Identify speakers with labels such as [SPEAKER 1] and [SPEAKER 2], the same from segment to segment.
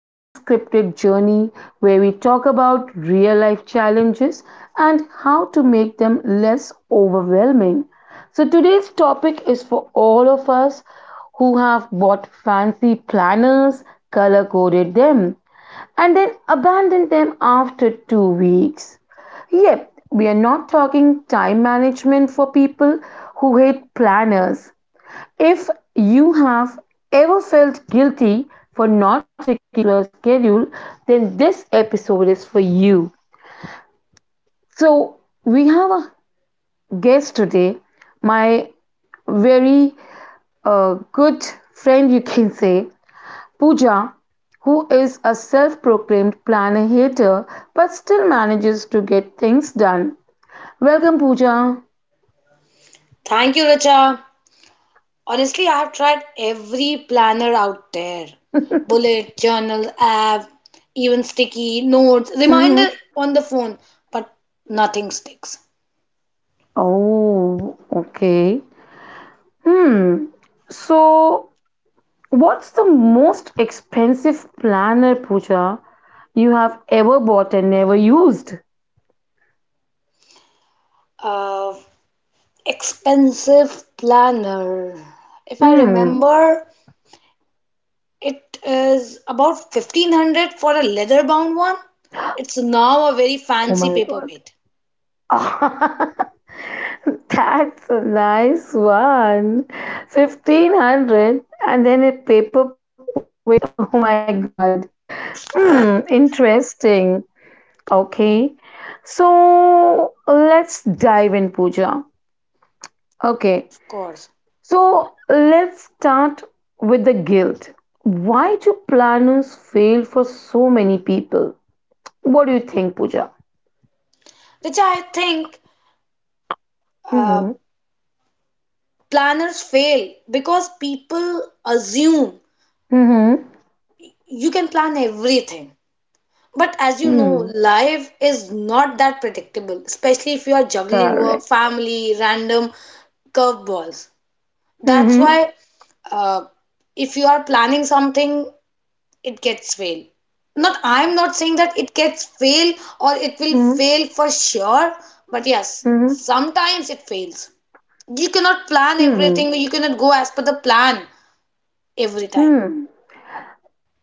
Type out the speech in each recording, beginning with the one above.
[SPEAKER 1] Unscripted Journey, where we talk about real life challenges and how to make them less overwhelming. So, today's topic is for all of us who have bought fancy planners, color coded them, and then abandoned them after 2 weeks. Yep, we are not talking time management for people who hate planners. If you have ever felt guilty for not sticking to a schedule, then this episode is for you. So, we have a guest today, my very good friend, you can say, Pooja, who is a self proclaimed planner hater but still manages to get things done. Welcome, Pooja.
[SPEAKER 2] Thank you, Richa. Honestly, I have tried every planner out there. Bullet, journal, app, even sticky notes, reminder
[SPEAKER 1] Mm-hmm.
[SPEAKER 2] on the phone, but nothing sticks.
[SPEAKER 1] Oh, okay. Hmm. So, what's the most expensive planner, Pooja, you have ever bought and never used?
[SPEAKER 2] Uh, Expensive planner. If I
[SPEAKER 1] Hmm.
[SPEAKER 2] remember, it is about 1500 for a leather bound one. It's now a very
[SPEAKER 1] Oh
[SPEAKER 2] fancy
[SPEAKER 1] my God.
[SPEAKER 2] paperweight,
[SPEAKER 1] That's a nice one. 1500 and then a paper weight. Oh my God. Hmm. Interesting. Okay. So let's dive in, Pooja. Okay.
[SPEAKER 2] of course.
[SPEAKER 1] So let's start with the guilt. Why do planners fail for so many people? What do you think, Pooja?
[SPEAKER 2] Richa, I think uh,
[SPEAKER 1] Hmm.
[SPEAKER 2] planners fail because people assume
[SPEAKER 1] Hmm.
[SPEAKER 2] you can plan everything. But as you know,
[SPEAKER 1] Hmm.
[SPEAKER 2] life is not that predictable, especially if you are juggling work,
[SPEAKER 1] Correct.
[SPEAKER 2] family, random curveballs. That's
[SPEAKER 1] Hmm.
[SPEAKER 2] why uh, if you are planning something, it gets fail. Not I'm not saying that it gets fail or it will
[SPEAKER 1] Hmm.
[SPEAKER 2] fail for sure, but yes,
[SPEAKER 1] Hmm.
[SPEAKER 2] sometimes it fails. You cannot plan
[SPEAKER 1] Hmm.
[SPEAKER 2] everything, you cannot go as per the plan every time.
[SPEAKER 1] Hmm.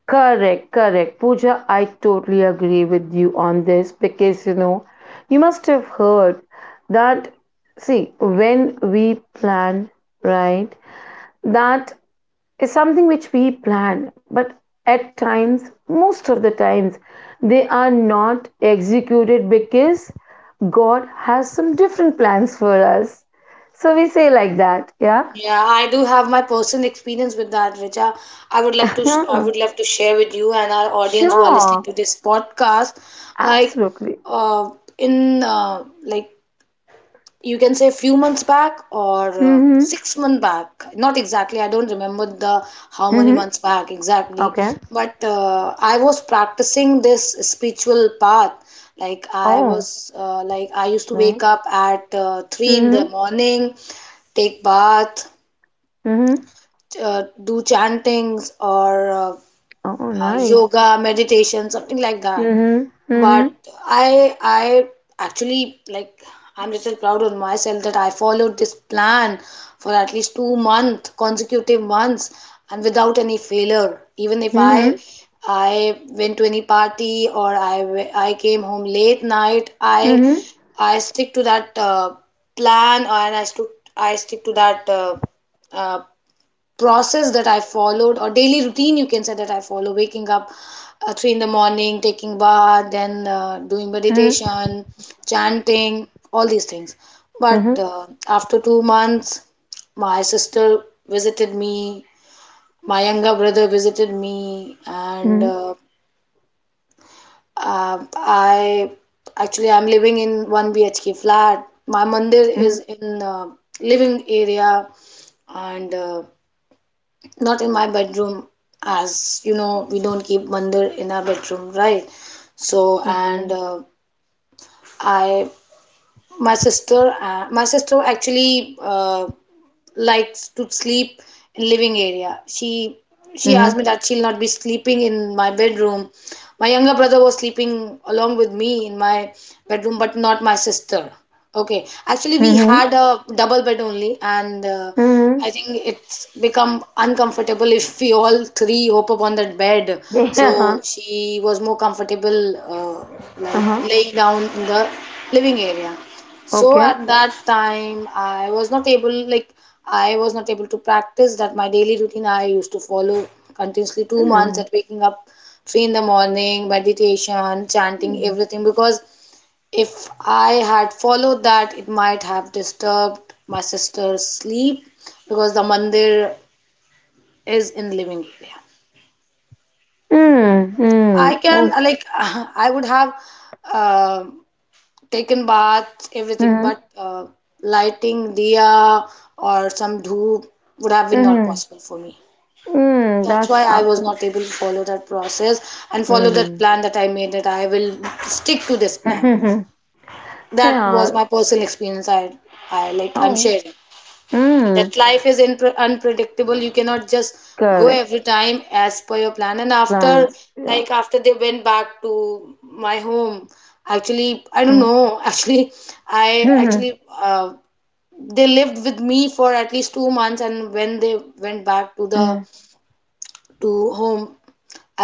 [SPEAKER 1] Correct. Correct. Pooja, I totally agree with you on this because you know, you must have heard that. See, when we plan, right, that is something which we plan, but at times, most of the times, they are not executed because God has some different plans for us. So we say like that, yeah?
[SPEAKER 2] Yeah, I do have my personal experience with that, Richa. I would like to I would love to share with you and our audience who are listening
[SPEAKER 1] Sure,
[SPEAKER 2] to this podcast. Like,
[SPEAKER 1] absolutely.
[SPEAKER 2] uh, in like you can say few months back or
[SPEAKER 1] Mm
[SPEAKER 2] 6 months back, not exactly. I don't remember the how
[SPEAKER 1] hmm. Mm
[SPEAKER 2] many
[SPEAKER 1] hmm.
[SPEAKER 2] months back exactly,
[SPEAKER 1] Okay.
[SPEAKER 2] but I was practicing this spiritual path. Like I
[SPEAKER 1] Oh,
[SPEAKER 2] was like I used to wake
[SPEAKER 1] nice.
[SPEAKER 2] up at 3 in the
[SPEAKER 1] Mm
[SPEAKER 2] morning, take bath,
[SPEAKER 1] hmm. Mm hmm.
[SPEAKER 2] do chantings or
[SPEAKER 1] Oh, nice.
[SPEAKER 2] yoga, meditation, something like that.
[SPEAKER 1] Mm hmm.
[SPEAKER 2] But
[SPEAKER 1] Mm
[SPEAKER 2] I actually, like, I'm little proud on myself that I followed this plan for at least 2 month consecutive months and without any failure. Even if
[SPEAKER 1] hmm.
[SPEAKER 2] I
[SPEAKER 1] Mm
[SPEAKER 2] I went to any party or I I came home late night, I
[SPEAKER 1] hmm.
[SPEAKER 2] I stick to that plan and I stick, I stick to that uh, process that I followed, or daily routine you can say, that I follow waking up at three in the morning, taking bath, then doing
[SPEAKER 1] Mm
[SPEAKER 2] meditation, chanting, all these things. But
[SPEAKER 1] hmm. Mm
[SPEAKER 2] after 2 months my sister visited me, my younger brother visited me,
[SPEAKER 1] hmm.
[SPEAKER 2] and I, actually I'm living in 1 BHK flat. My mandir
[SPEAKER 1] Mm hmm.
[SPEAKER 2] is
[SPEAKER 1] Mm
[SPEAKER 2] in living area and not in my bedroom. As you know, we don't keep mandir in our bedroom, right? So
[SPEAKER 1] hmm. Mm
[SPEAKER 2] and
[SPEAKER 1] hmm.
[SPEAKER 2] I my sister, my sister actually likes to sleep in living area. She asked
[SPEAKER 1] Mm
[SPEAKER 2] me that she'll not be sleeping in my bedroom. My younger brother was sleeping along with me in my bedroom, but not my sister. Okay, actually we
[SPEAKER 1] hmm.
[SPEAKER 2] had a double bed only, and
[SPEAKER 1] Mm
[SPEAKER 2] I
[SPEAKER 1] hmm.
[SPEAKER 2] think it's become uncomfortable if we all three hope upon that bed.
[SPEAKER 1] Yeah,
[SPEAKER 2] So
[SPEAKER 1] uh-huh,
[SPEAKER 2] she was more comfortable,
[SPEAKER 1] uh-huh.
[SPEAKER 2] like laying down in the living area. So
[SPEAKER 1] Okay.
[SPEAKER 2] at that time, I was not able, like, I was not able to practice that, my daily routine I used to follow continuously 2 months,
[SPEAKER 1] Mm.
[SPEAKER 2] at waking up 3 in the morning, meditation, chanting,
[SPEAKER 1] Mm.
[SPEAKER 2] everything. Because if I had followed that, it might have disturbed my sister's sleep because the mandir is in the living area.
[SPEAKER 1] Mm. Mm.
[SPEAKER 2] I can,
[SPEAKER 1] Oh,
[SPEAKER 2] like, I would have um taken baths, everything,
[SPEAKER 1] mm.
[SPEAKER 2] but lighting diya or some dhoop would have been not
[SPEAKER 1] Mm.
[SPEAKER 2] possible for me.
[SPEAKER 1] Mm.
[SPEAKER 2] That's
[SPEAKER 1] That's
[SPEAKER 2] why I was
[SPEAKER 1] absolutely.
[SPEAKER 2] not able to follow that process and follow that
[SPEAKER 1] Mm.
[SPEAKER 2] plan that I made, that I will stick to this plan. That was
[SPEAKER 1] Yeah.
[SPEAKER 2] my personal experience. I like, I'm
[SPEAKER 1] Oh.
[SPEAKER 2] sharing
[SPEAKER 1] Mm.
[SPEAKER 2] that life is unpredictable. You cannot just go
[SPEAKER 1] Correct.
[SPEAKER 2] every time as per your plan. And after,
[SPEAKER 1] Plans. Yeah.
[SPEAKER 2] like after they went back to my home, actually I don't
[SPEAKER 1] Mm.
[SPEAKER 2] know, actually I
[SPEAKER 1] Mm.
[SPEAKER 2] actually they lived with me for at least 2 months, and when they went back to the,
[SPEAKER 1] Mm.
[SPEAKER 2] to home,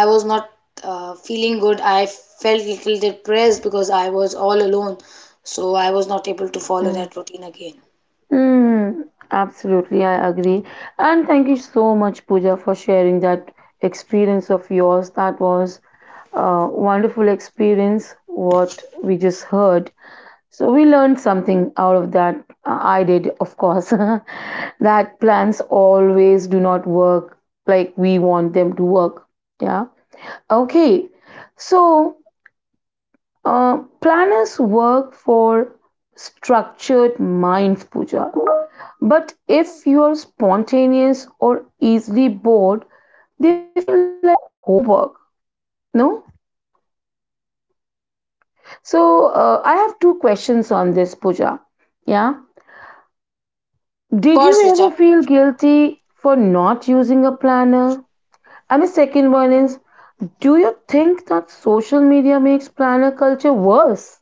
[SPEAKER 2] I was not feeling good. I felt little depressed because I was all alone, so I was not able to follow that routine again.
[SPEAKER 1] Mm. Absolutely, I agree. And thank you so much, Pooja, for sharing that experience of yours. That was a wonderful experience, what we just heard. So we learned something out of that. I did, of course, that plans always do not work like we want them to work. Yeah. Okay. So planners work for structured minds, Pooja. But if you are spontaneous or easily bored, they feel like homework. No? So I have two questions on this, Pooja. Yeah.
[SPEAKER 2] Of
[SPEAKER 1] Did
[SPEAKER 2] course,
[SPEAKER 1] you ever
[SPEAKER 2] Richa.
[SPEAKER 1] feel guilty for not using a planner? And the second one is, do you think that social media makes planner culture worse?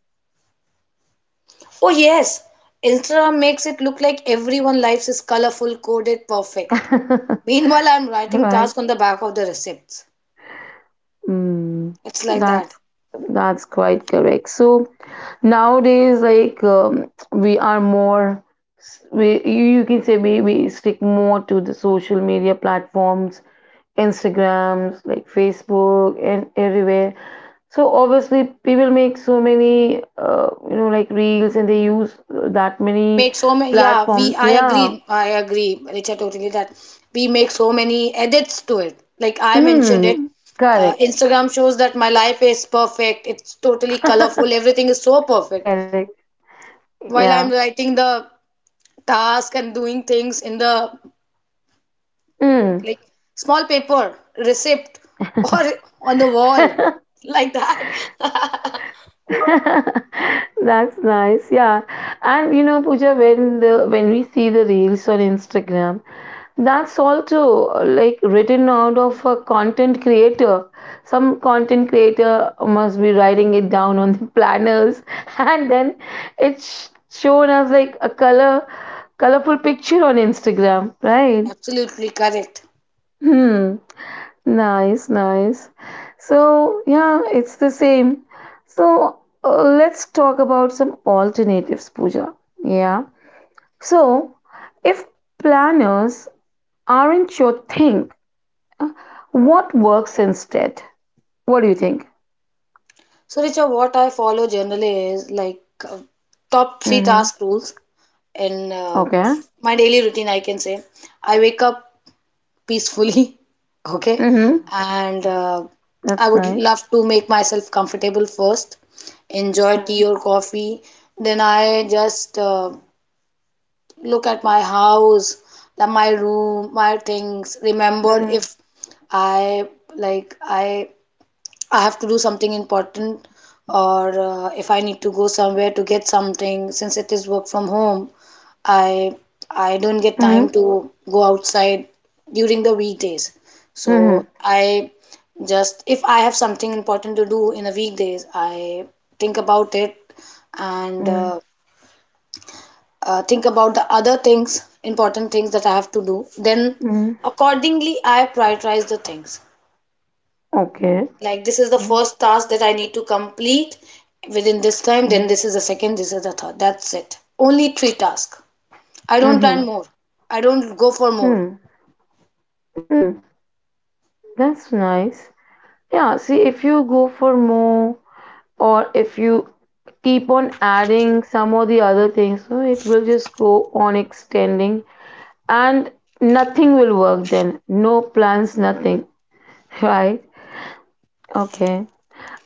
[SPEAKER 2] Oh, yes. Instagram makes it look like everyone's life is colorful, coded, perfect.
[SPEAKER 1] Right.
[SPEAKER 2] Meanwhile, I'm writing tasks on the back of the receipts.
[SPEAKER 1] Mm,
[SPEAKER 2] It's like that.
[SPEAKER 1] that's that's quite correct. So nowadays, like we are more, you can say we stick more to the social media platforms, Instagrams, like Facebook, and everywhere. So obviously, people make so many, you know, like reels, and they use that
[SPEAKER 2] We
[SPEAKER 1] many
[SPEAKER 2] make so many, yeah,
[SPEAKER 1] platforms.
[SPEAKER 2] we,
[SPEAKER 1] Yeah.
[SPEAKER 2] I agree, Richa, totally, that we make so many edits to it. Like I mentioned it,
[SPEAKER 1] Mm. Correct.
[SPEAKER 2] Instagram shows that my life is perfect, it's totally colorful, everything is so perfect.
[SPEAKER 1] Correct.
[SPEAKER 2] While
[SPEAKER 1] Yeah.
[SPEAKER 2] I'm writing the task and doing things in the,
[SPEAKER 1] Mm.
[SPEAKER 2] like, small paper receipt or on the wall like that.
[SPEAKER 1] That's nice. Yeah. And you know, Pooja, when the when we see the reels on Instagram, that's also like written out of a content creator. Some content creator must be writing it down on the planners, and then it's shown as like a colorful picture on Instagram, right?
[SPEAKER 2] Absolutely correct.
[SPEAKER 1] Hmm. Nice, nice. So yeah, it's the same. So let's talk about some alternatives, Pooja. Yeah. So if planners aren't your thing, Uh, what works instead? What do you think?
[SPEAKER 2] So Richard, what I follow generally is like, uh, top three
[SPEAKER 1] Mm-hmm.
[SPEAKER 2] task rules in
[SPEAKER 1] Okay.
[SPEAKER 2] my daily routine, I can say. I wake up peacefully, okay,
[SPEAKER 1] Mm-hmm.
[SPEAKER 2] and I
[SPEAKER 1] That's
[SPEAKER 2] would
[SPEAKER 1] nice.
[SPEAKER 2] love to make myself comfortable first, enjoy
[SPEAKER 1] Mm-hmm.
[SPEAKER 2] tea or coffee. Then I just look at my house, the, my room, my things, remember if I like I have to do something important, or if I need to go somewhere to get something. Since it is work from home, i I don't get time
[SPEAKER 1] Mm-hmm.
[SPEAKER 2] to go outside during the weekdays. So
[SPEAKER 1] Mm-hmm.
[SPEAKER 2] I just, if I have something important to do in the weekdays, I think about it and think about the other things, important things that I have to do. Then
[SPEAKER 1] Mm-hmm.
[SPEAKER 2] accordingly I prioritize the things.
[SPEAKER 1] Okay.
[SPEAKER 2] Like, this is the first task that I need to complete within this time,
[SPEAKER 1] Mm-hmm.
[SPEAKER 2] then this is the second, this is the third. That's it, only three tasks. I don't plan
[SPEAKER 1] Mm-hmm.
[SPEAKER 2] more, I don't go for more.
[SPEAKER 1] Mm-hmm. That's nice. Yeah, see, if you go for more or if you keep on adding some or the other things, so it will just go on extending and nothing will work then. No plans, nothing. Right? Okay.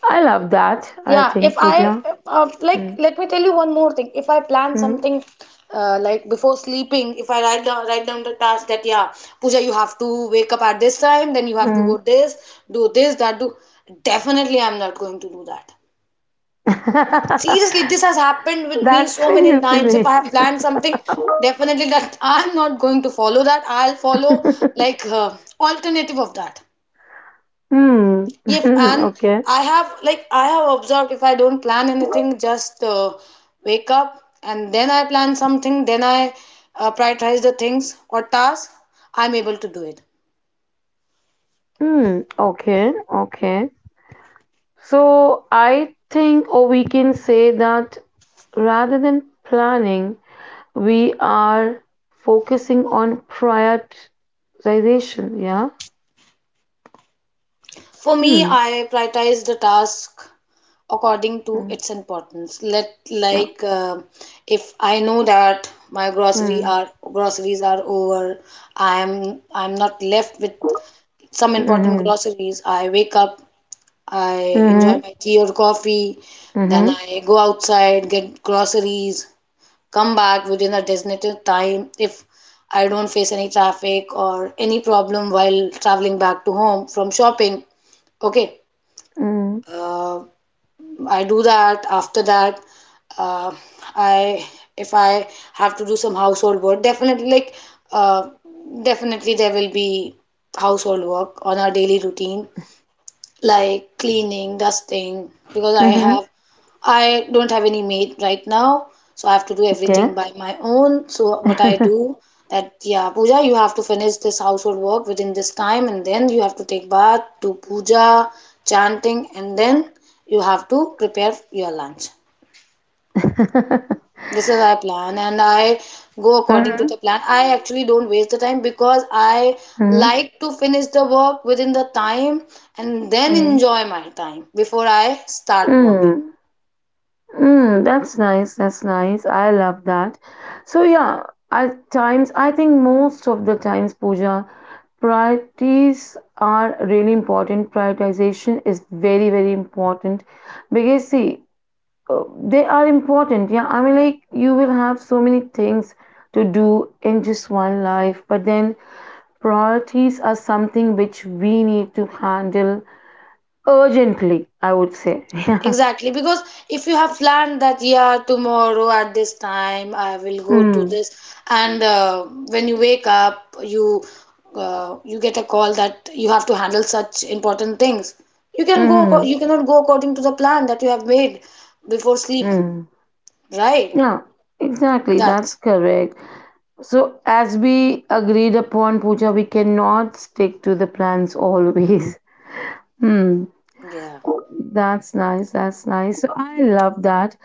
[SPEAKER 1] I love that, I
[SPEAKER 2] Yeah, if
[SPEAKER 1] think,
[SPEAKER 2] I
[SPEAKER 1] Pooja.
[SPEAKER 2] like,
[SPEAKER 1] Mm,
[SPEAKER 2] let me tell you one more thing. If I plan
[SPEAKER 1] mm,
[SPEAKER 2] something like before sleeping, if I write down the task that yeah, Pooja, you have to wake up at this time, then you have to go
[SPEAKER 1] mm.
[SPEAKER 2] this, do this, that, do. Definitely, I'm not going to do that. Seriously, this has happened with me
[SPEAKER 1] That's
[SPEAKER 2] so many
[SPEAKER 1] the
[SPEAKER 2] times. If I have
[SPEAKER 1] unique.
[SPEAKER 2] planned something, definitely that I'm not going to follow that. I'll follow, like, alternative of that.
[SPEAKER 1] Hmm.
[SPEAKER 2] If and
[SPEAKER 1] Okay.
[SPEAKER 2] I have, like, I have observed, if I don't plan anything, just wake up and then I plan something, then I prioritize the things or tasks, I'm able to do it.
[SPEAKER 1] Hmm. Okay. Okay. So I think, or we can say that rather than planning, we are focusing on prioritization. Yeah.
[SPEAKER 2] For me,
[SPEAKER 1] Hmm.
[SPEAKER 2] I prioritize the task according to
[SPEAKER 1] Mm,
[SPEAKER 2] its importance. Let,
[SPEAKER 1] yeah.
[SPEAKER 2] like, if I know that my grocery
[SPEAKER 1] Hmm.
[SPEAKER 2] are groceries are over, I'm not left with some important
[SPEAKER 1] Mm-hmm.
[SPEAKER 2] groceries. I wake up, I enjoy
[SPEAKER 1] Mm-hmm.
[SPEAKER 2] my tea or coffee. Then
[SPEAKER 1] Mm-hmm.
[SPEAKER 2] I go outside, get groceries, come back within a designated time if I don't face any traffic or any problem while traveling back to home from shopping. Okay,
[SPEAKER 1] Mm-hmm.
[SPEAKER 2] uh, I do that. After that, uh, I if I have to do some household work, definitely, like, uh, definitely there will be household work on our daily routine, like cleaning, dusting, because I
[SPEAKER 1] Mm-hmm.
[SPEAKER 2] have I don't have any maid right now, so I have to do
[SPEAKER 1] Okay.
[SPEAKER 2] everything by my own. So what I do, that yeah, Puja, you have to finish this household work within this time, and then you have to take bath, do puja, chanting, and then you have to prepare your lunch.
[SPEAKER 1] Mhm,
[SPEAKER 2] This is my plan, and I go according to the plan. I actually don't waste the time because I
[SPEAKER 1] mhm,
[SPEAKER 2] like to finish the work within the time and then
[SPEAKER 1] mm.
[SPEAKER 2] enjoy my time before I start working.
[SPEAKER 1] Mm, mm, that's nice. That's nice. I love that. So yeah, at times I think most of the times, Pooja, priorities are really important. Prioritization is very, very important because see, uh, they are important. Yeah, I mean, like you will have so many things to do in just one life, but then priorities are something which we need to handle urgently, I would say. Yeah.
[SPEAKER 2] Exactly, because if you have planned that yeah, tomorrow at this time I will go to
[SPEAKER 1] Mm.
[SPEAKER 2] this, and when you wake up, you you get a call that you have to handle such important things, you can go
[SPEAKER 1] Mm.
[SPEAKER 2] you cannot go according to the plan that you have made before sleep.
[SPEAKER 1] Mm.
[SPEAKER 2] Right?
[SPEAKER 1] Yeah. Exactly. That's
[SPEAKER 2] That's,
[SPEAKER 1] correct. So, as we agreed upon, Pooja, we cannot stick to the plans always. Hmm.
[SPEAKER 2] yeah.
[SPEAKER 1] That's nice. That's nice. So, I love that.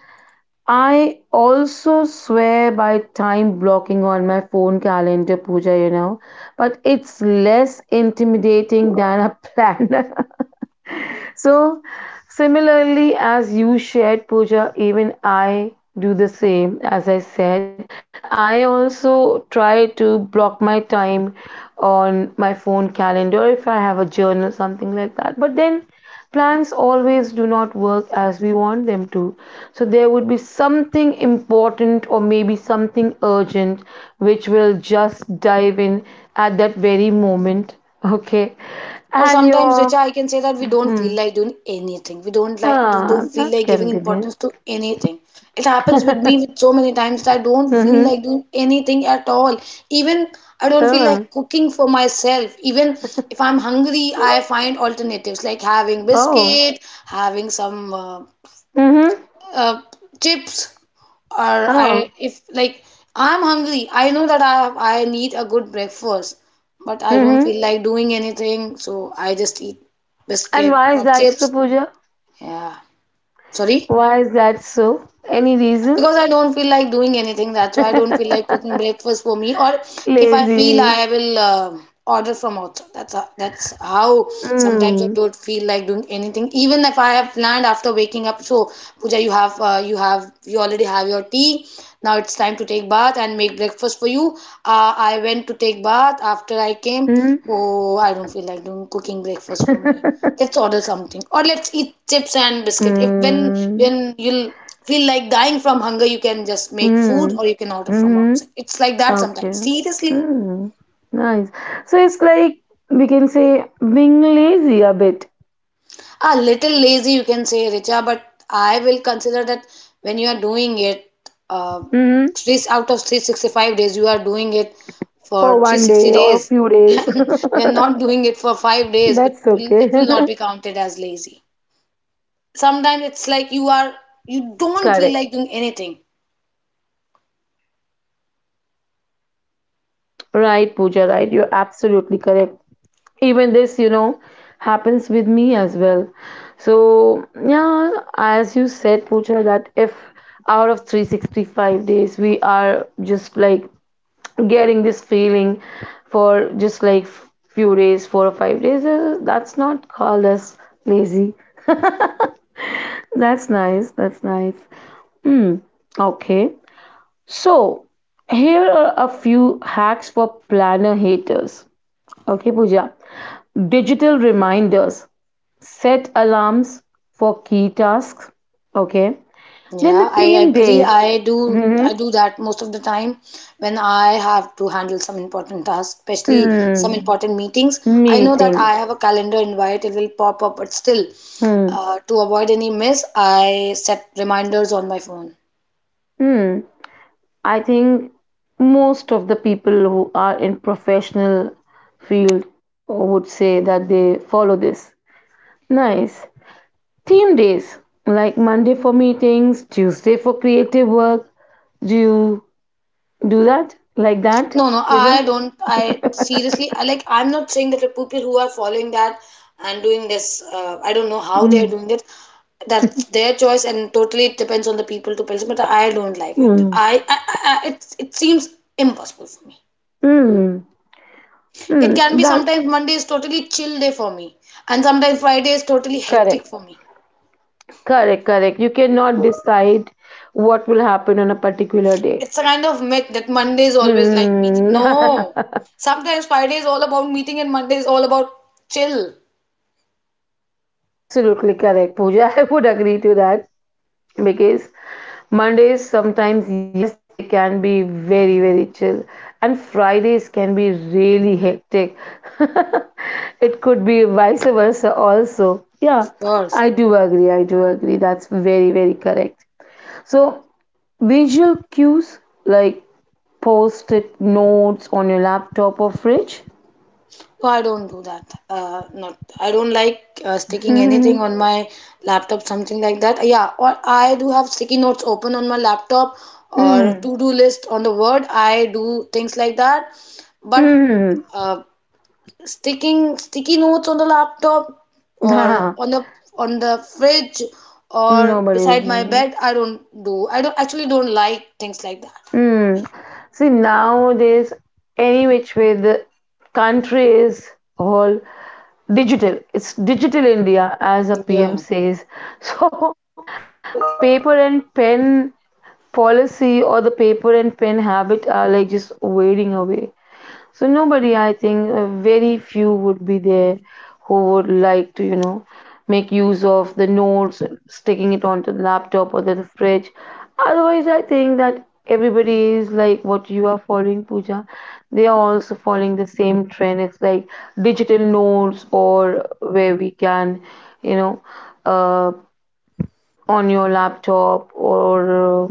[SPEAKER 1] I also swear by time blocking on my phone calendar, Pooja, you know, but it's less intimidating than a planner. So, similarly, as you shared, Pooja, even I do the same. As I said, that I also try to block my time on my phone calendar if I have a journal, something like that. But then plans always do not work as we want them to. So, there would be something important or maybe something urgent which will just dive in at that very moment. Okay.
[SPEAKER 2] Or
[SPEAKER 1] And
[SPEAKER 2] sometimes, Richa,
[SPEAKER 1] your.
[SPEAKER 2] I can say that we don't feel
[SPEAKER 1] Hmm,
[SPEAKER 2] like doing anything. We don't like
[SPEAKER 1] ah,
[SPEAKER 2] don't feel
[SPEAKER 1] that
[SPEAKER 2] like
[SPEAKER 1] can
[SPEAKER 2] giving
[SPEAKER 1] be there.
[SPEAKER 2] importance to anything. It happens with me with so many times that I don't feel
[SPEAKER 1] Mm-hmm.
[SPEAKER 2] like doing anything at all. Even I don't feel
[SPEAKER 1] Uh,
[SPEAKER 2] like cooking for myself. Even if I'm hungry, I find alternatives like having
[SPEAKER 1] oh.
[SPEAKER 2] biscuit, having some
[SPEAKER 1] Mm-hmm.
[SPEAKER 2] uh, chips, or I,
[SPEAKER 1] Oh.
[SPEAKER 2] if, like, I'm hungry, I know that I need a good breakfast, but I don't
[SPEAKER 1] Mm-hmm.
[SPEAKER 2] feel like doing anything, so I just eat
[SPEAKER 1] And
[SPEAKER 2] biscuit
[SPEAKER 1] why is
[SPEAKER 2] or
[SPEAKER 1] that so,
[SPEAKER 2] chips.
[SPEAKER 1] Pooja?
[SPEAKER 2] Yeah, sorry.
[SPEAKER 1] Why is that so? Any reason?
[SPEAKER 2] Because I don't feel like doing anything. That's why I don't feel like cooking breakfast for me. Or if I feel,
[SPEAKER 1] Lazy.
[SPEAKER 2] I will order from outside. That's how sometimes I
[SPEAKER 1] Mm.
[SPEAKER 2] don't feel like doing anything. Even if I have planned after waking up. So Pooja, you have you have, you already have your tea. Now it's time to take bath and make breakfast for you. I went to take bath after I came.
[SPEAKER 1] Mm.
[SPEAKER 2] Oh, I don't feel like doing cooking breakfast for me, let's order something, or let's eat chips and biscuit. If when,
[SPEAKER 1] mm.
[SPEAKER 2] when you'll feel like dying from hunger, you can just make food
[SPEAKER 1] Mm.
[SPEAKER 2] or you can order from
[SPEAKER 1] Mm-hmm.
[SPEAKER 2] outside. It's like that
[SPEAKER 1] Okay.
[SPEAKER 2] sometimes. Seriously,
[SPEAKER 1] Mm. Nice. So it's like we can say being lazy a bit.
[SPEAKER 2] a little lazy, you can say, Richa, but I will consider that when you are doing it, uh,
[SPEAKER 1] Mm-hmm.
[SPEAKER 2] three out of 365 days, you are doing it
[SPEAKER 1] For
[SPEAKER 2] for
[SPEAKER 1] one
[SPEAKER 2] 360
[SPEAKER 1] day or
[SPEAKER 2] days,
[SPEAKER 1] few days.
[SPEAKER 2] and you are not doing it for five days. It
[SPEAKER 1] That's
[SPEAKER 2] will,
[SPEAKER 1] okay.
[SPEAKER 2] it will not be counted as lazy. Sometimes it's like you don't feel
[SPEAKER 1] Correct.
[SPEAKER 2] like doing anything.
[SPEAKER 1] Right, Pooja, right. You're absolutely correct. Even this, you know, happens with me as well. So, yeah, as you said, Pooja, that if out of 365 days we are just like getting this feeling for just like few days, 4 or 5 days, that's not called as lazy. That's nice. That's nice. Hmm. Okay. So, here are a few hacks for planner haters. Okay, Pooja. Digital reminders. Set alarms for key tasks. Okay. Then the
[SPEAKER 2] Yeah, I
[SPEAKER 1] theme
[SPEAKER 2] agree.
[SPEAKER 1] days.
[SPEAKER 2] I do I
[SPEAKER 1] Mm-hmm.
[SPEAKER 2] do that most of the time when I have to handle some important tasks, especially some
[SPEAKER 1] Hmm.
[SPEAKER 2] important meetings.
[SPEAKER 1] Mm.
[SPEAKER 2] I know that
[SPEAKER 1] Meetings.
[SPEAKER 2] I have a calendar invite, it will pop up, but still,
[SPEAKER 1] Hmm.
[SPEAKER 2] to avoid any miss, I set reminders on my phone.
[SPEAKER 1] Hmm. I think most of the people who are in professional field would say that they follow this. Nice. Theme days. Like Monday for meetings, Tuesday for creative work. Do you do that? Like that,
[SPEAKER 2] No, no,
[SPEAKER 1] Pooja?
[SPEAKER 2] I don't. I seriously, I like, I'm not saying that the people who are following that and doing this, I don't know how they
[SPEAKER 1] Hmm.
[SPEAKER 2] are doing it. That's their choice, and totally it depends on the people to person. But I don't like it.
[SPEAKER 1] Hmm.
[SPEAKER 2] It seems impossible for me.
[SPEAKER 1] Hmm.
[SPEAKER 2] It can
[SPEAKER 1] Hmm.
[SPEAKER 2] be
[SPEAKER 1] That
[SPEAKER 2] sometimes Monday is totally chill day for me, and sometimes Friday is totally hectic
[SPEAKER 1] correct,
[SPEAKER 2] for me.
[SPEAKER 1] correct, correct. You cannot decide what will happen on a particular day.
[SPEAKER 2] It's a kind of myth that Monday is always like meeting.
[SPEAKER 1] Hmm.
[SPEAKER 2] No, sometimes Friday is all about meeting, and Monday is all about chill.
[SPEAKER 1] Absolutely correct, Pooja. I would agree to that because Mondays sometimes, yes, they can be very, very chill, and Fridays can be really hectic. It could be vice versa, also. Yeah,
[SPEAKER 2] Of course.
[SPEAKER 1] I do agree. I do agree. That's very, very correct. So, visual cues like post it notes on your laptop or fridge?
[SPEAKER 2] Oh, I don't do that. Not I don't like sticking anything
[SPEAKER 1] Hmm.
[SPEAKER 2] on my laptop, something like that. Yeah, or I do have sticky notes open on my laptop or
[SPEAKER 1] Hmm.
[SPEAKER 2] to-do list on the Word. I do things like that. But
[SPEAKER 1] Mm.
[SPEAKER 2] uh, sticking sticky notes on the laptop or
[SPEAKER 1] Nah,
[SPEAKER 2] on the fridge or
[SPEAKER 1] nobody is
[SPEAKER 2] beside my
[SPEAKER 1] doing it.
[SPEAKER 2] bed, I don't do. I don't actually don't like things like that.
[SPEAKER 1] Hmm. See, nowadays, any which way the country is all digital. It's digital India, as a PM
[SPEAKER 2] Yeah.
[SPEAKER 1] says. So, the paper and pen policy or the paper and pen habit are like just wading away. So nobody, I think, very few would be there who would like to, you know, make use of the notes, sticking it onto the laptop or the fridge. Otherwise, I think that everybody is like what you are following, Pooja. They are also following the same trend. It's like digital notes or where we can, you know, uh, on your laptop or.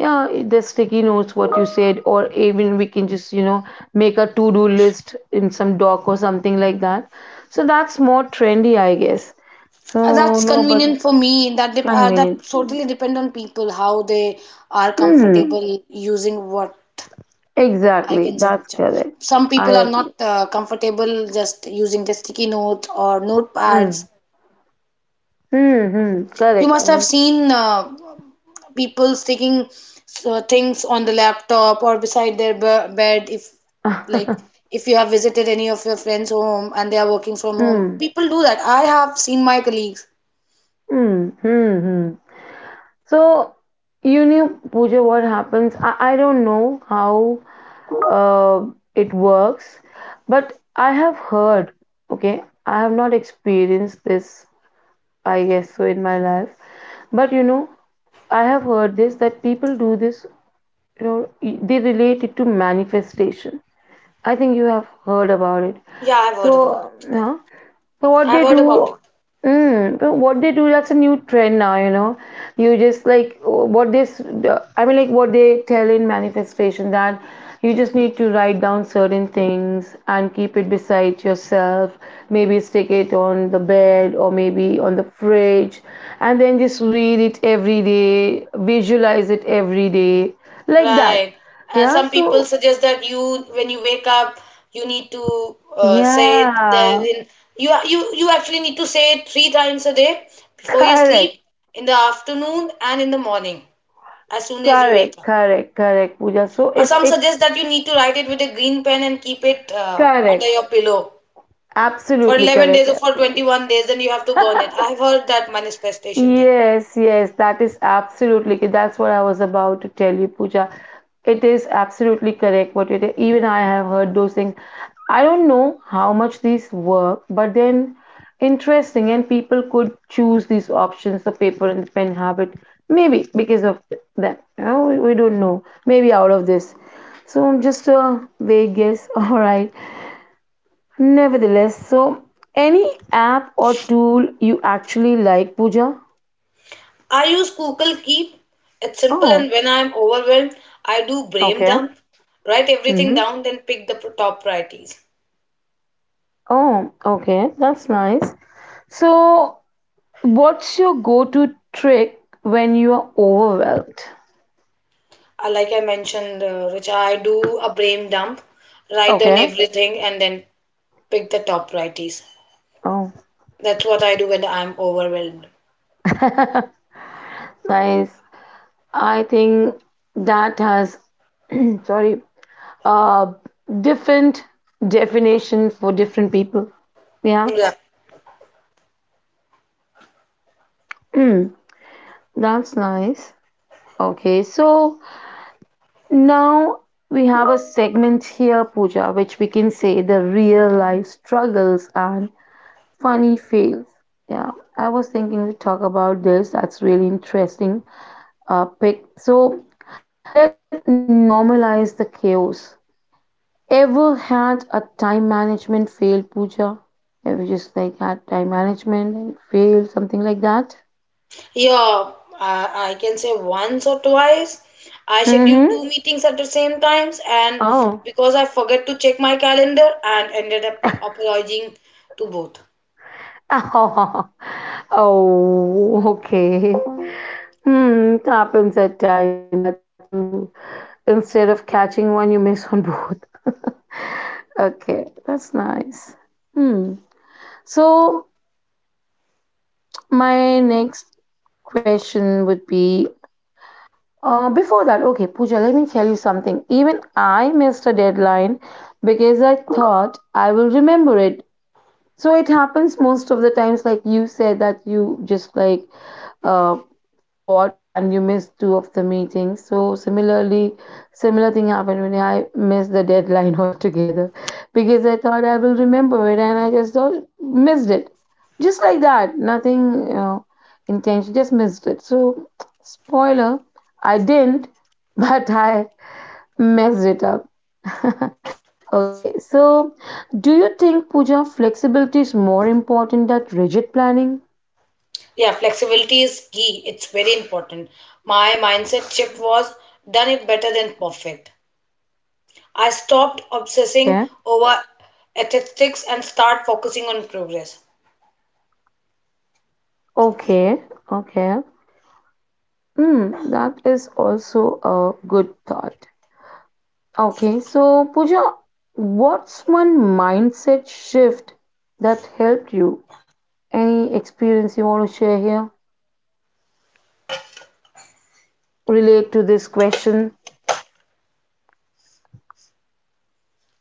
[SPEAKER 1] Yeah, the sticky notes, what you said, or even we can just, you know, make a to do list in some doc or something like that. So that's more trendy, I guess. So,
[SPEAKER 2] That's
[SPEAKER 1] no, but
[SPEAKER 2] convenient for me. That
[SPEAKER 1] convenient for me.
[SPEAKER 2] totally depend on people how they are
[SPEAKER 1] Hmm,
[SPEAKER 2] comfortable using what I
[SPEAKER 1] exactly.
[SPEAKER 2] can
[SPEAKER 1] That's
[SPEAKER 2] suggest.
[SPEAKER 1] correct.
[SPEAKER 2] Some
[SPEAKER 1] I
[SPEAKER 2] people are not
[SPEAKER 1] agree.
[SPEAKER 2] comfortable just using the sticky note or
[SPEAKER 1] Hmm.
[SPEAKER 2] notepads.
[SPEAKER 1] Hmm. Hmm,
[SPEAKER 2] You
[SPEAKER 1] correct.
[SPEAKER 2] must have
[SPEAKER 1] Correct.
[SPEAKER 2] seen people sticking things on the laptop or beside their be bed. Like if you have visited any of your friends' home and they are working from home,
[SPEAKER 1] Hmm.
[SPEAKER 2] people do that. I have seen my colleagues.
[SPEAKER 1] Hmm. Hmm. Hmm. So, you know, Pooja, what happens? I don't know how uh, it works, but I have heard, okay, I have not experienced this, I guess so in my life, but you know, I have heard this that people do this. You know, they relate it to manifestation. I think you have heard about it.
[SPEAKER 2] Yeah, I've heard about
[SPEAKER 1] So,
[SPEAKER 2] it. Correct.
[SPEAKER 1] yeah. So what
[SPEAKER 2] I've
[SPEAKER 1] they
[SPEAKER 2] heard about
[SPEAKER 1] do,
[SPEAKER 2] it.
[SPEAKER 1] mm, but what they do, that's a new trend now, you know. You just like I mean, like what they tell in manifestation that you just need to write down certain things and keep it beside yourself. Maybe stick it on the bed or maybe on the fridge, and then just read it every day, visualize it every day, like that.
[SPEAKER 2] Right. And
[SPEAKER 1] Yeah.
[SPEAKER 2] some people
[SPEAKER 1] So,
[SPEAKER 2] suggest that you, when you wake up, you need to say it.
[SPEAKER 1] yeah.
[SPEAKER 2] Then you actually need to say it three times a day before you sleep,
[SPEAKER 1] Correct,
[SPEAKER 2] in the afternoon, and in the morning, as soon as you wake
[SPEAKER 1] correct,
[SPEAKER 2] up.
[SPEAKER 1] correct, correct, Pooja. So
[SPEAKER 2] Or
[SPEAKER 1] it's
[SPEAKER 2] some
[SPEAKER 1] it
[SPEAKER 2] suggest that you need to write it with a green pen and keep it under
[SPEAKER 1] correct.
[SPEAKER 2] your pillow for
[SPEAKER 1] Absolutely
[SPEAKER 2] 11
[SPEAKER 1] correct.
[SPEAKER 2] days or for
[SPEAKER 1] Absolutely.
[SPEAKER 2] 21 days, then you have to burn it. I've heard that manifestation thing.
[SPEAKER 1] Yes, yes, that is absolutely that's what I was about to tell you, Pooja. It is absolutely correct what you did. Even I have heard those things. I don't know how much these work, but then interesting, and people could choose these options, the paper and pen habit, maybe because of them. You know, we don't know. Maybe out of this. So just a vague guess. All right. Nevertheless, so any app or tool you actually like, Pooja?
[SPEAKER 2] I use Google Keep. It's simple, and
[SPEAKER 1] Oh,
[SPEAKER 2] when I'm overwhelmed, I do brain
[SPEAKER 1] okay.
[SPEAKER 2] dump, write
[SPEAKER 1] Mm-hmm.
[SPEAKER 2] everything down, then pick the top priorities.
[SPEAKER 1] Oh, okay. That's nice. So, what's your go to trick when you are overwhelmed?
[SPEAKER 2] Like I mentioned, Richa, I do a brain dump, write down
[SPEAKER 1] Okay.
[SPEAKER 2] everything, and then pick the top priorities.
[SPEAKER 1] Oh,
[SPEAKER 2] That's what I do when I'm overwhelmed.
[SPEAKER 1] nice. I think that has, sorry, uh, different definition for different people. Yeah.
[SPEAKER 2] Yeah,
[SPEAKER 1] Mm, that's nice. Okay. So, now we have a segment here, Pooja, which we can say the real life struggles and funny fails. Yeah, I was thinking to talk about this. That's really interesting. Pick. So let's normalize the chaos. Ever had a time management fail, Pooja? Ever just like had time management and fail, something like that?
[SPEAKER 2] yeah. I can say once or twice. I schedule
[SPEAKER 1] Mm-hmm.
[SPEAKER 2] two meetings at the same times, and
[SPEAKER 1] Oh.
[SPEAKER 2] because I forget to check my calendar, and ended up apologizing to both.
[SPEAKER 1] Oh, okay. Hmm, it happens at times that you, instead of catching one, you miss on both. Okay, that's nice. Hmm. So my next question would be before that, okay, Pooja, let me tell you something. Even I missed a deadline because I thought I will remember it. So it happens most of the times, like you said, that you just like uh, forgot and you missed two of the meetings. So similarly, similar thing happened when I missed the deadline altogether because I thought I will remember it and I just thought, missed it. Just like that, nothing intention, just missed it. So spoiler, I didn't, but I messed it up. Okay, so do you think Pooja flexibility is more important than rigid planning?
[SPEAKER 2] Yeah, flexibility is key. It's very important. My
[SPEAKER 1] Uh huh.
[SPEAKER 2] mindset shift was done it better than perfect. I stopped obsessing
[SPEAKER 1] Okay.
[SPEAKER 2] over statistics and start focusing on progress.
[SPEAKER 1] Okay, okay. Hmm, that is also a good thought. Okay, so Pooja, what's one mindset shift that helped you? Any experience you want to share here? Relate to this question?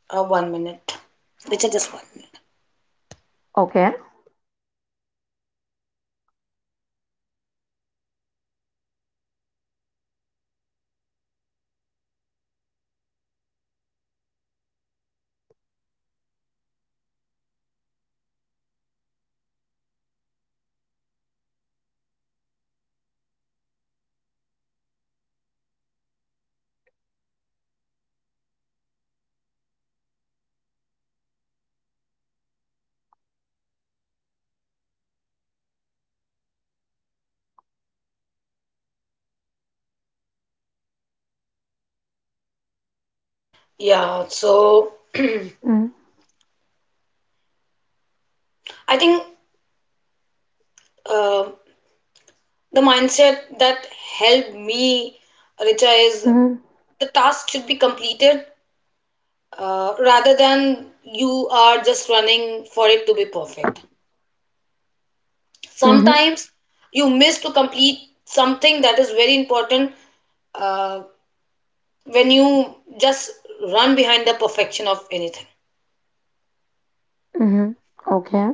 [SPEAKER 2] One minute. Which are just one minute.
[SPEAKER 1] Okay.
[SPEAKER 2] Yeah, so
[SPEAKER 1] Mm-hmm.
[SPEAKER 2] I think uh, the mindset that helped me, Richa, is
[SPEAKER 1] Mm-hmm.
[SPEAKER 2] the task should be completed, rather than you are just running for it to be perfect.
[SPEAKER 1] Mm-hmm.
[SPEAKER 2] Sometimes you miss to complete something that is very important uh, when you just run behind the perfection of anything.
[SPEAKER 1] Mm-hmm. Okay.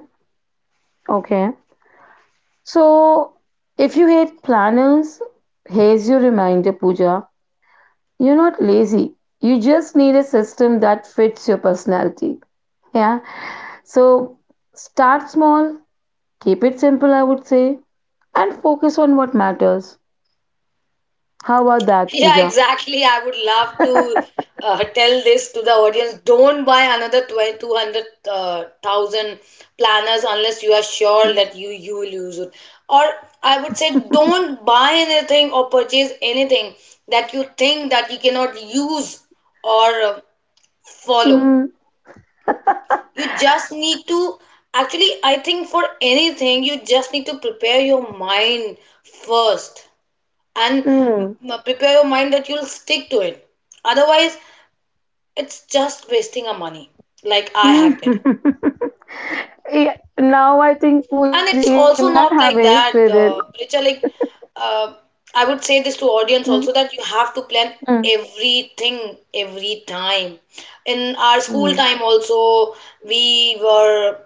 [SPEAKER 1] Okay. So if you hate planners, here's your reminder, Pooja. You're not lazy. You just need a system that fits your personality. Yeah. So start small, keep it simple, I would say, and focus on what matters. How about that,
[SPEAKER 2] Yeah,
[SPEAKER 1] Pooja?
[SPEAKER 2] exactly. I would love to tell this to the audience, don't buy another 2200 thousand planners unless you are sure that you will use it. Or I would say, don't buy anything or purchase anything that you think that you cannot use or follow.
[SPEAKER 1] Mm,
[SPEAKER 2] You just need to Actually, I think for anything you just need to prepare your mind first, and
[SPEAKER 1] mm,
[SPEAKER 2] prepare your mind that you'll stick to it. Otherwise, it's just wasting our money, like I have did.
[SPEAKER 1] mm. Yeah, now I think, Pooja,
[SPEAKER 2] And it's
[SPEAKER 1] even
[SPEAKER 2] also
[SPEAKER 1] I have
[SPEAKER 2] not like
[SPEAKER 1] wasted
[SPEAKER 2] that,
[SPEAKER 1] it.
[SPEAKER 2] Richa. Like, uh, I would say this to audience
[SPEAKER 1] Mm,
[SPEAKER 2] also that you have to plan
[SPEAKER 1] mm,
[SPEAKER 2] everything every time. In our school
[SPEAKER 1] mm,
[SPEAKER 2] time also, we were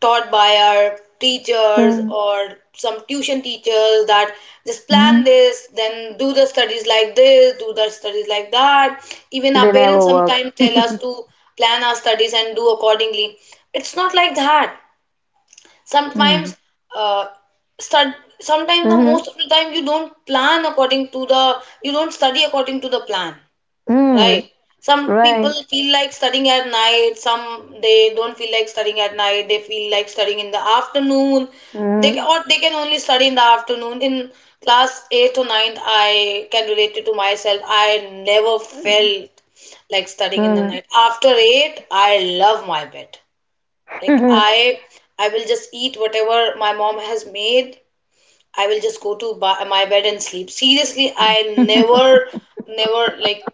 [SPEAKER 2] taught by our teachers
[SPEAKER 1] mm,
[SPEAKER 2] or some tuition teachers that just plan
[SPEAKER 1] mm.
[SPEAKER 2] this, then do the studies like this, do the studies like that. Even
[SPEAKER 1] They
[SPEAKER 2] our parents
[SPEAKER 1] never work.
[SPEAKER 2] sometimes tell us to plan our studies and do accordingly. It's not like that.
[SPEAKER 1] Mm,
[SPEAKER 2] Sometimes, uh, stud- sometimes the
[SPEAKER 1] mhm,
[SPEAKER 2] most of the time you don't study according to the plan,
[SPEAKER 1] mm,
[SPEAKER 2] right? Some people
[SPEAKER 1] right.
[SPEAKER 2] feel like studying at night, some they don't feel like studying at night, they feel like studying in the afternoon.
[SPEAKER 1] Mm,
[SPEAKER 2] Or they can only study in the afternoon. In class 8th or ninth, I can relate it to myself, I never felt like studying in the
[SPEAKER 1] mm,
[SPEAKER 2] night after 8. I love my bed. Like, I will just eat whatever my mom has made. I will just go to my bed and sleep. Seriously, I
[SPEAKER 1] mm.
[SPEAKER 2] never like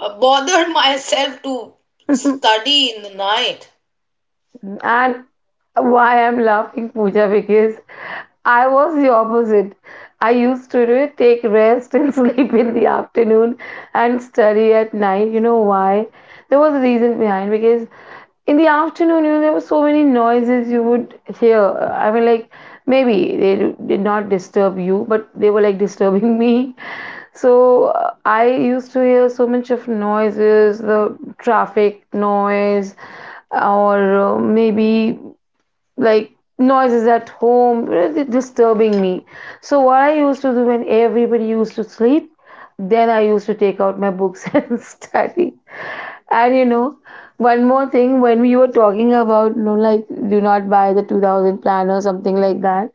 [SPEAKER 2] bothered myself to study in the night.
[SPEAKER 1] And why I'm laughing, Pooja, because I was the opposite. I used to it, take rest and sleep in the afternoon and study at night. You know why? There was a reason behind because in the afternoon, you know, there were so many noises you would hear. I mean, like maybe they did not disturb you, but they were like disturbing me. So I used to hear so much of noises, the traffic noise, or maybe like noises at home really disturbing me. So what I used to do when everybody used to sleep, then I used to take out my books and study. And you know, one more thing when we were talking about, you know, like do not buy the 2000 plan or something like that,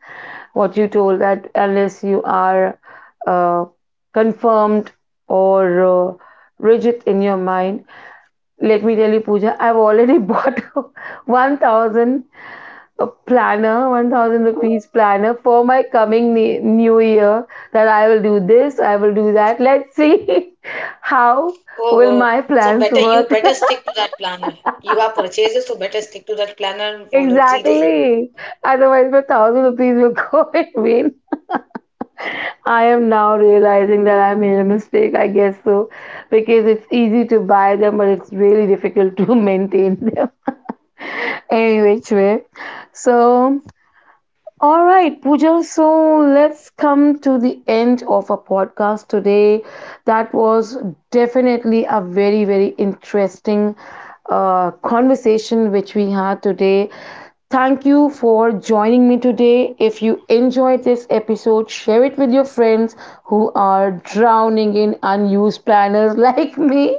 [SPEAKER 1] what you told that unless you are uh, confirmed or rigid in your mind, let me tell you, Pooja, I've already bought 1000 a planner, 1000 rupees planner for my coming new year that I will do this, I will do that. Let's see how
[SPEAKER 2] Oh,
[SPEAKER 1] will
[SPEAKER 2] oh.
[SPEAKER 1] my
[SPEAKER 2] So better
[SPEAKER 1] plans
[SPEAKER 2] you
[SPEAKER 1] work.
[SPEAKER 2] better stick to that planner. You have purchases, so better stick to that planner and follow it seriously.
[SPEAKER 1] Exactly. Otherwise, my thousand rupees will go in vain. I am now realizing that I made a mistake, I guess so, because it's easy to buy them, but it's really difficult to maintain them. Any which way. So, all right, Pooja. So let's come to the end of our podcast today. That was definitely a very, very interesting conversation which we had today. Thank you for joining me today. If you enjoyed this episode, share it with your friends who are drowning in unused planners like me.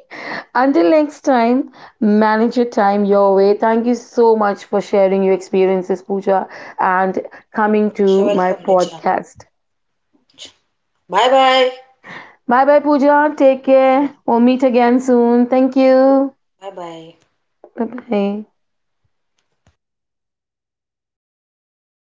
[SPEAKER 1] Until next time, manage your time your way. Thank you so much for sharing your experiences, Pooja, and coming
[SPEAKER 2] Sure,
[SPEAKER 1] to my
[SPEAKER 2] welcome, Richa.
[SPEAKER 1] podcast.
[SPEAKER 2] Bye bye.
[SPEAKER 1] Bye bye, Pooja. Take
[SPEAKER 2] Bye
[SPEAKER 1] care.
[SPEAKER 2] bye.
[SPEAKER 1] We'll meet again soon. Thank you.
[SPEAKER 2] Bye bye.
[SPEAKER 1] Bye bye.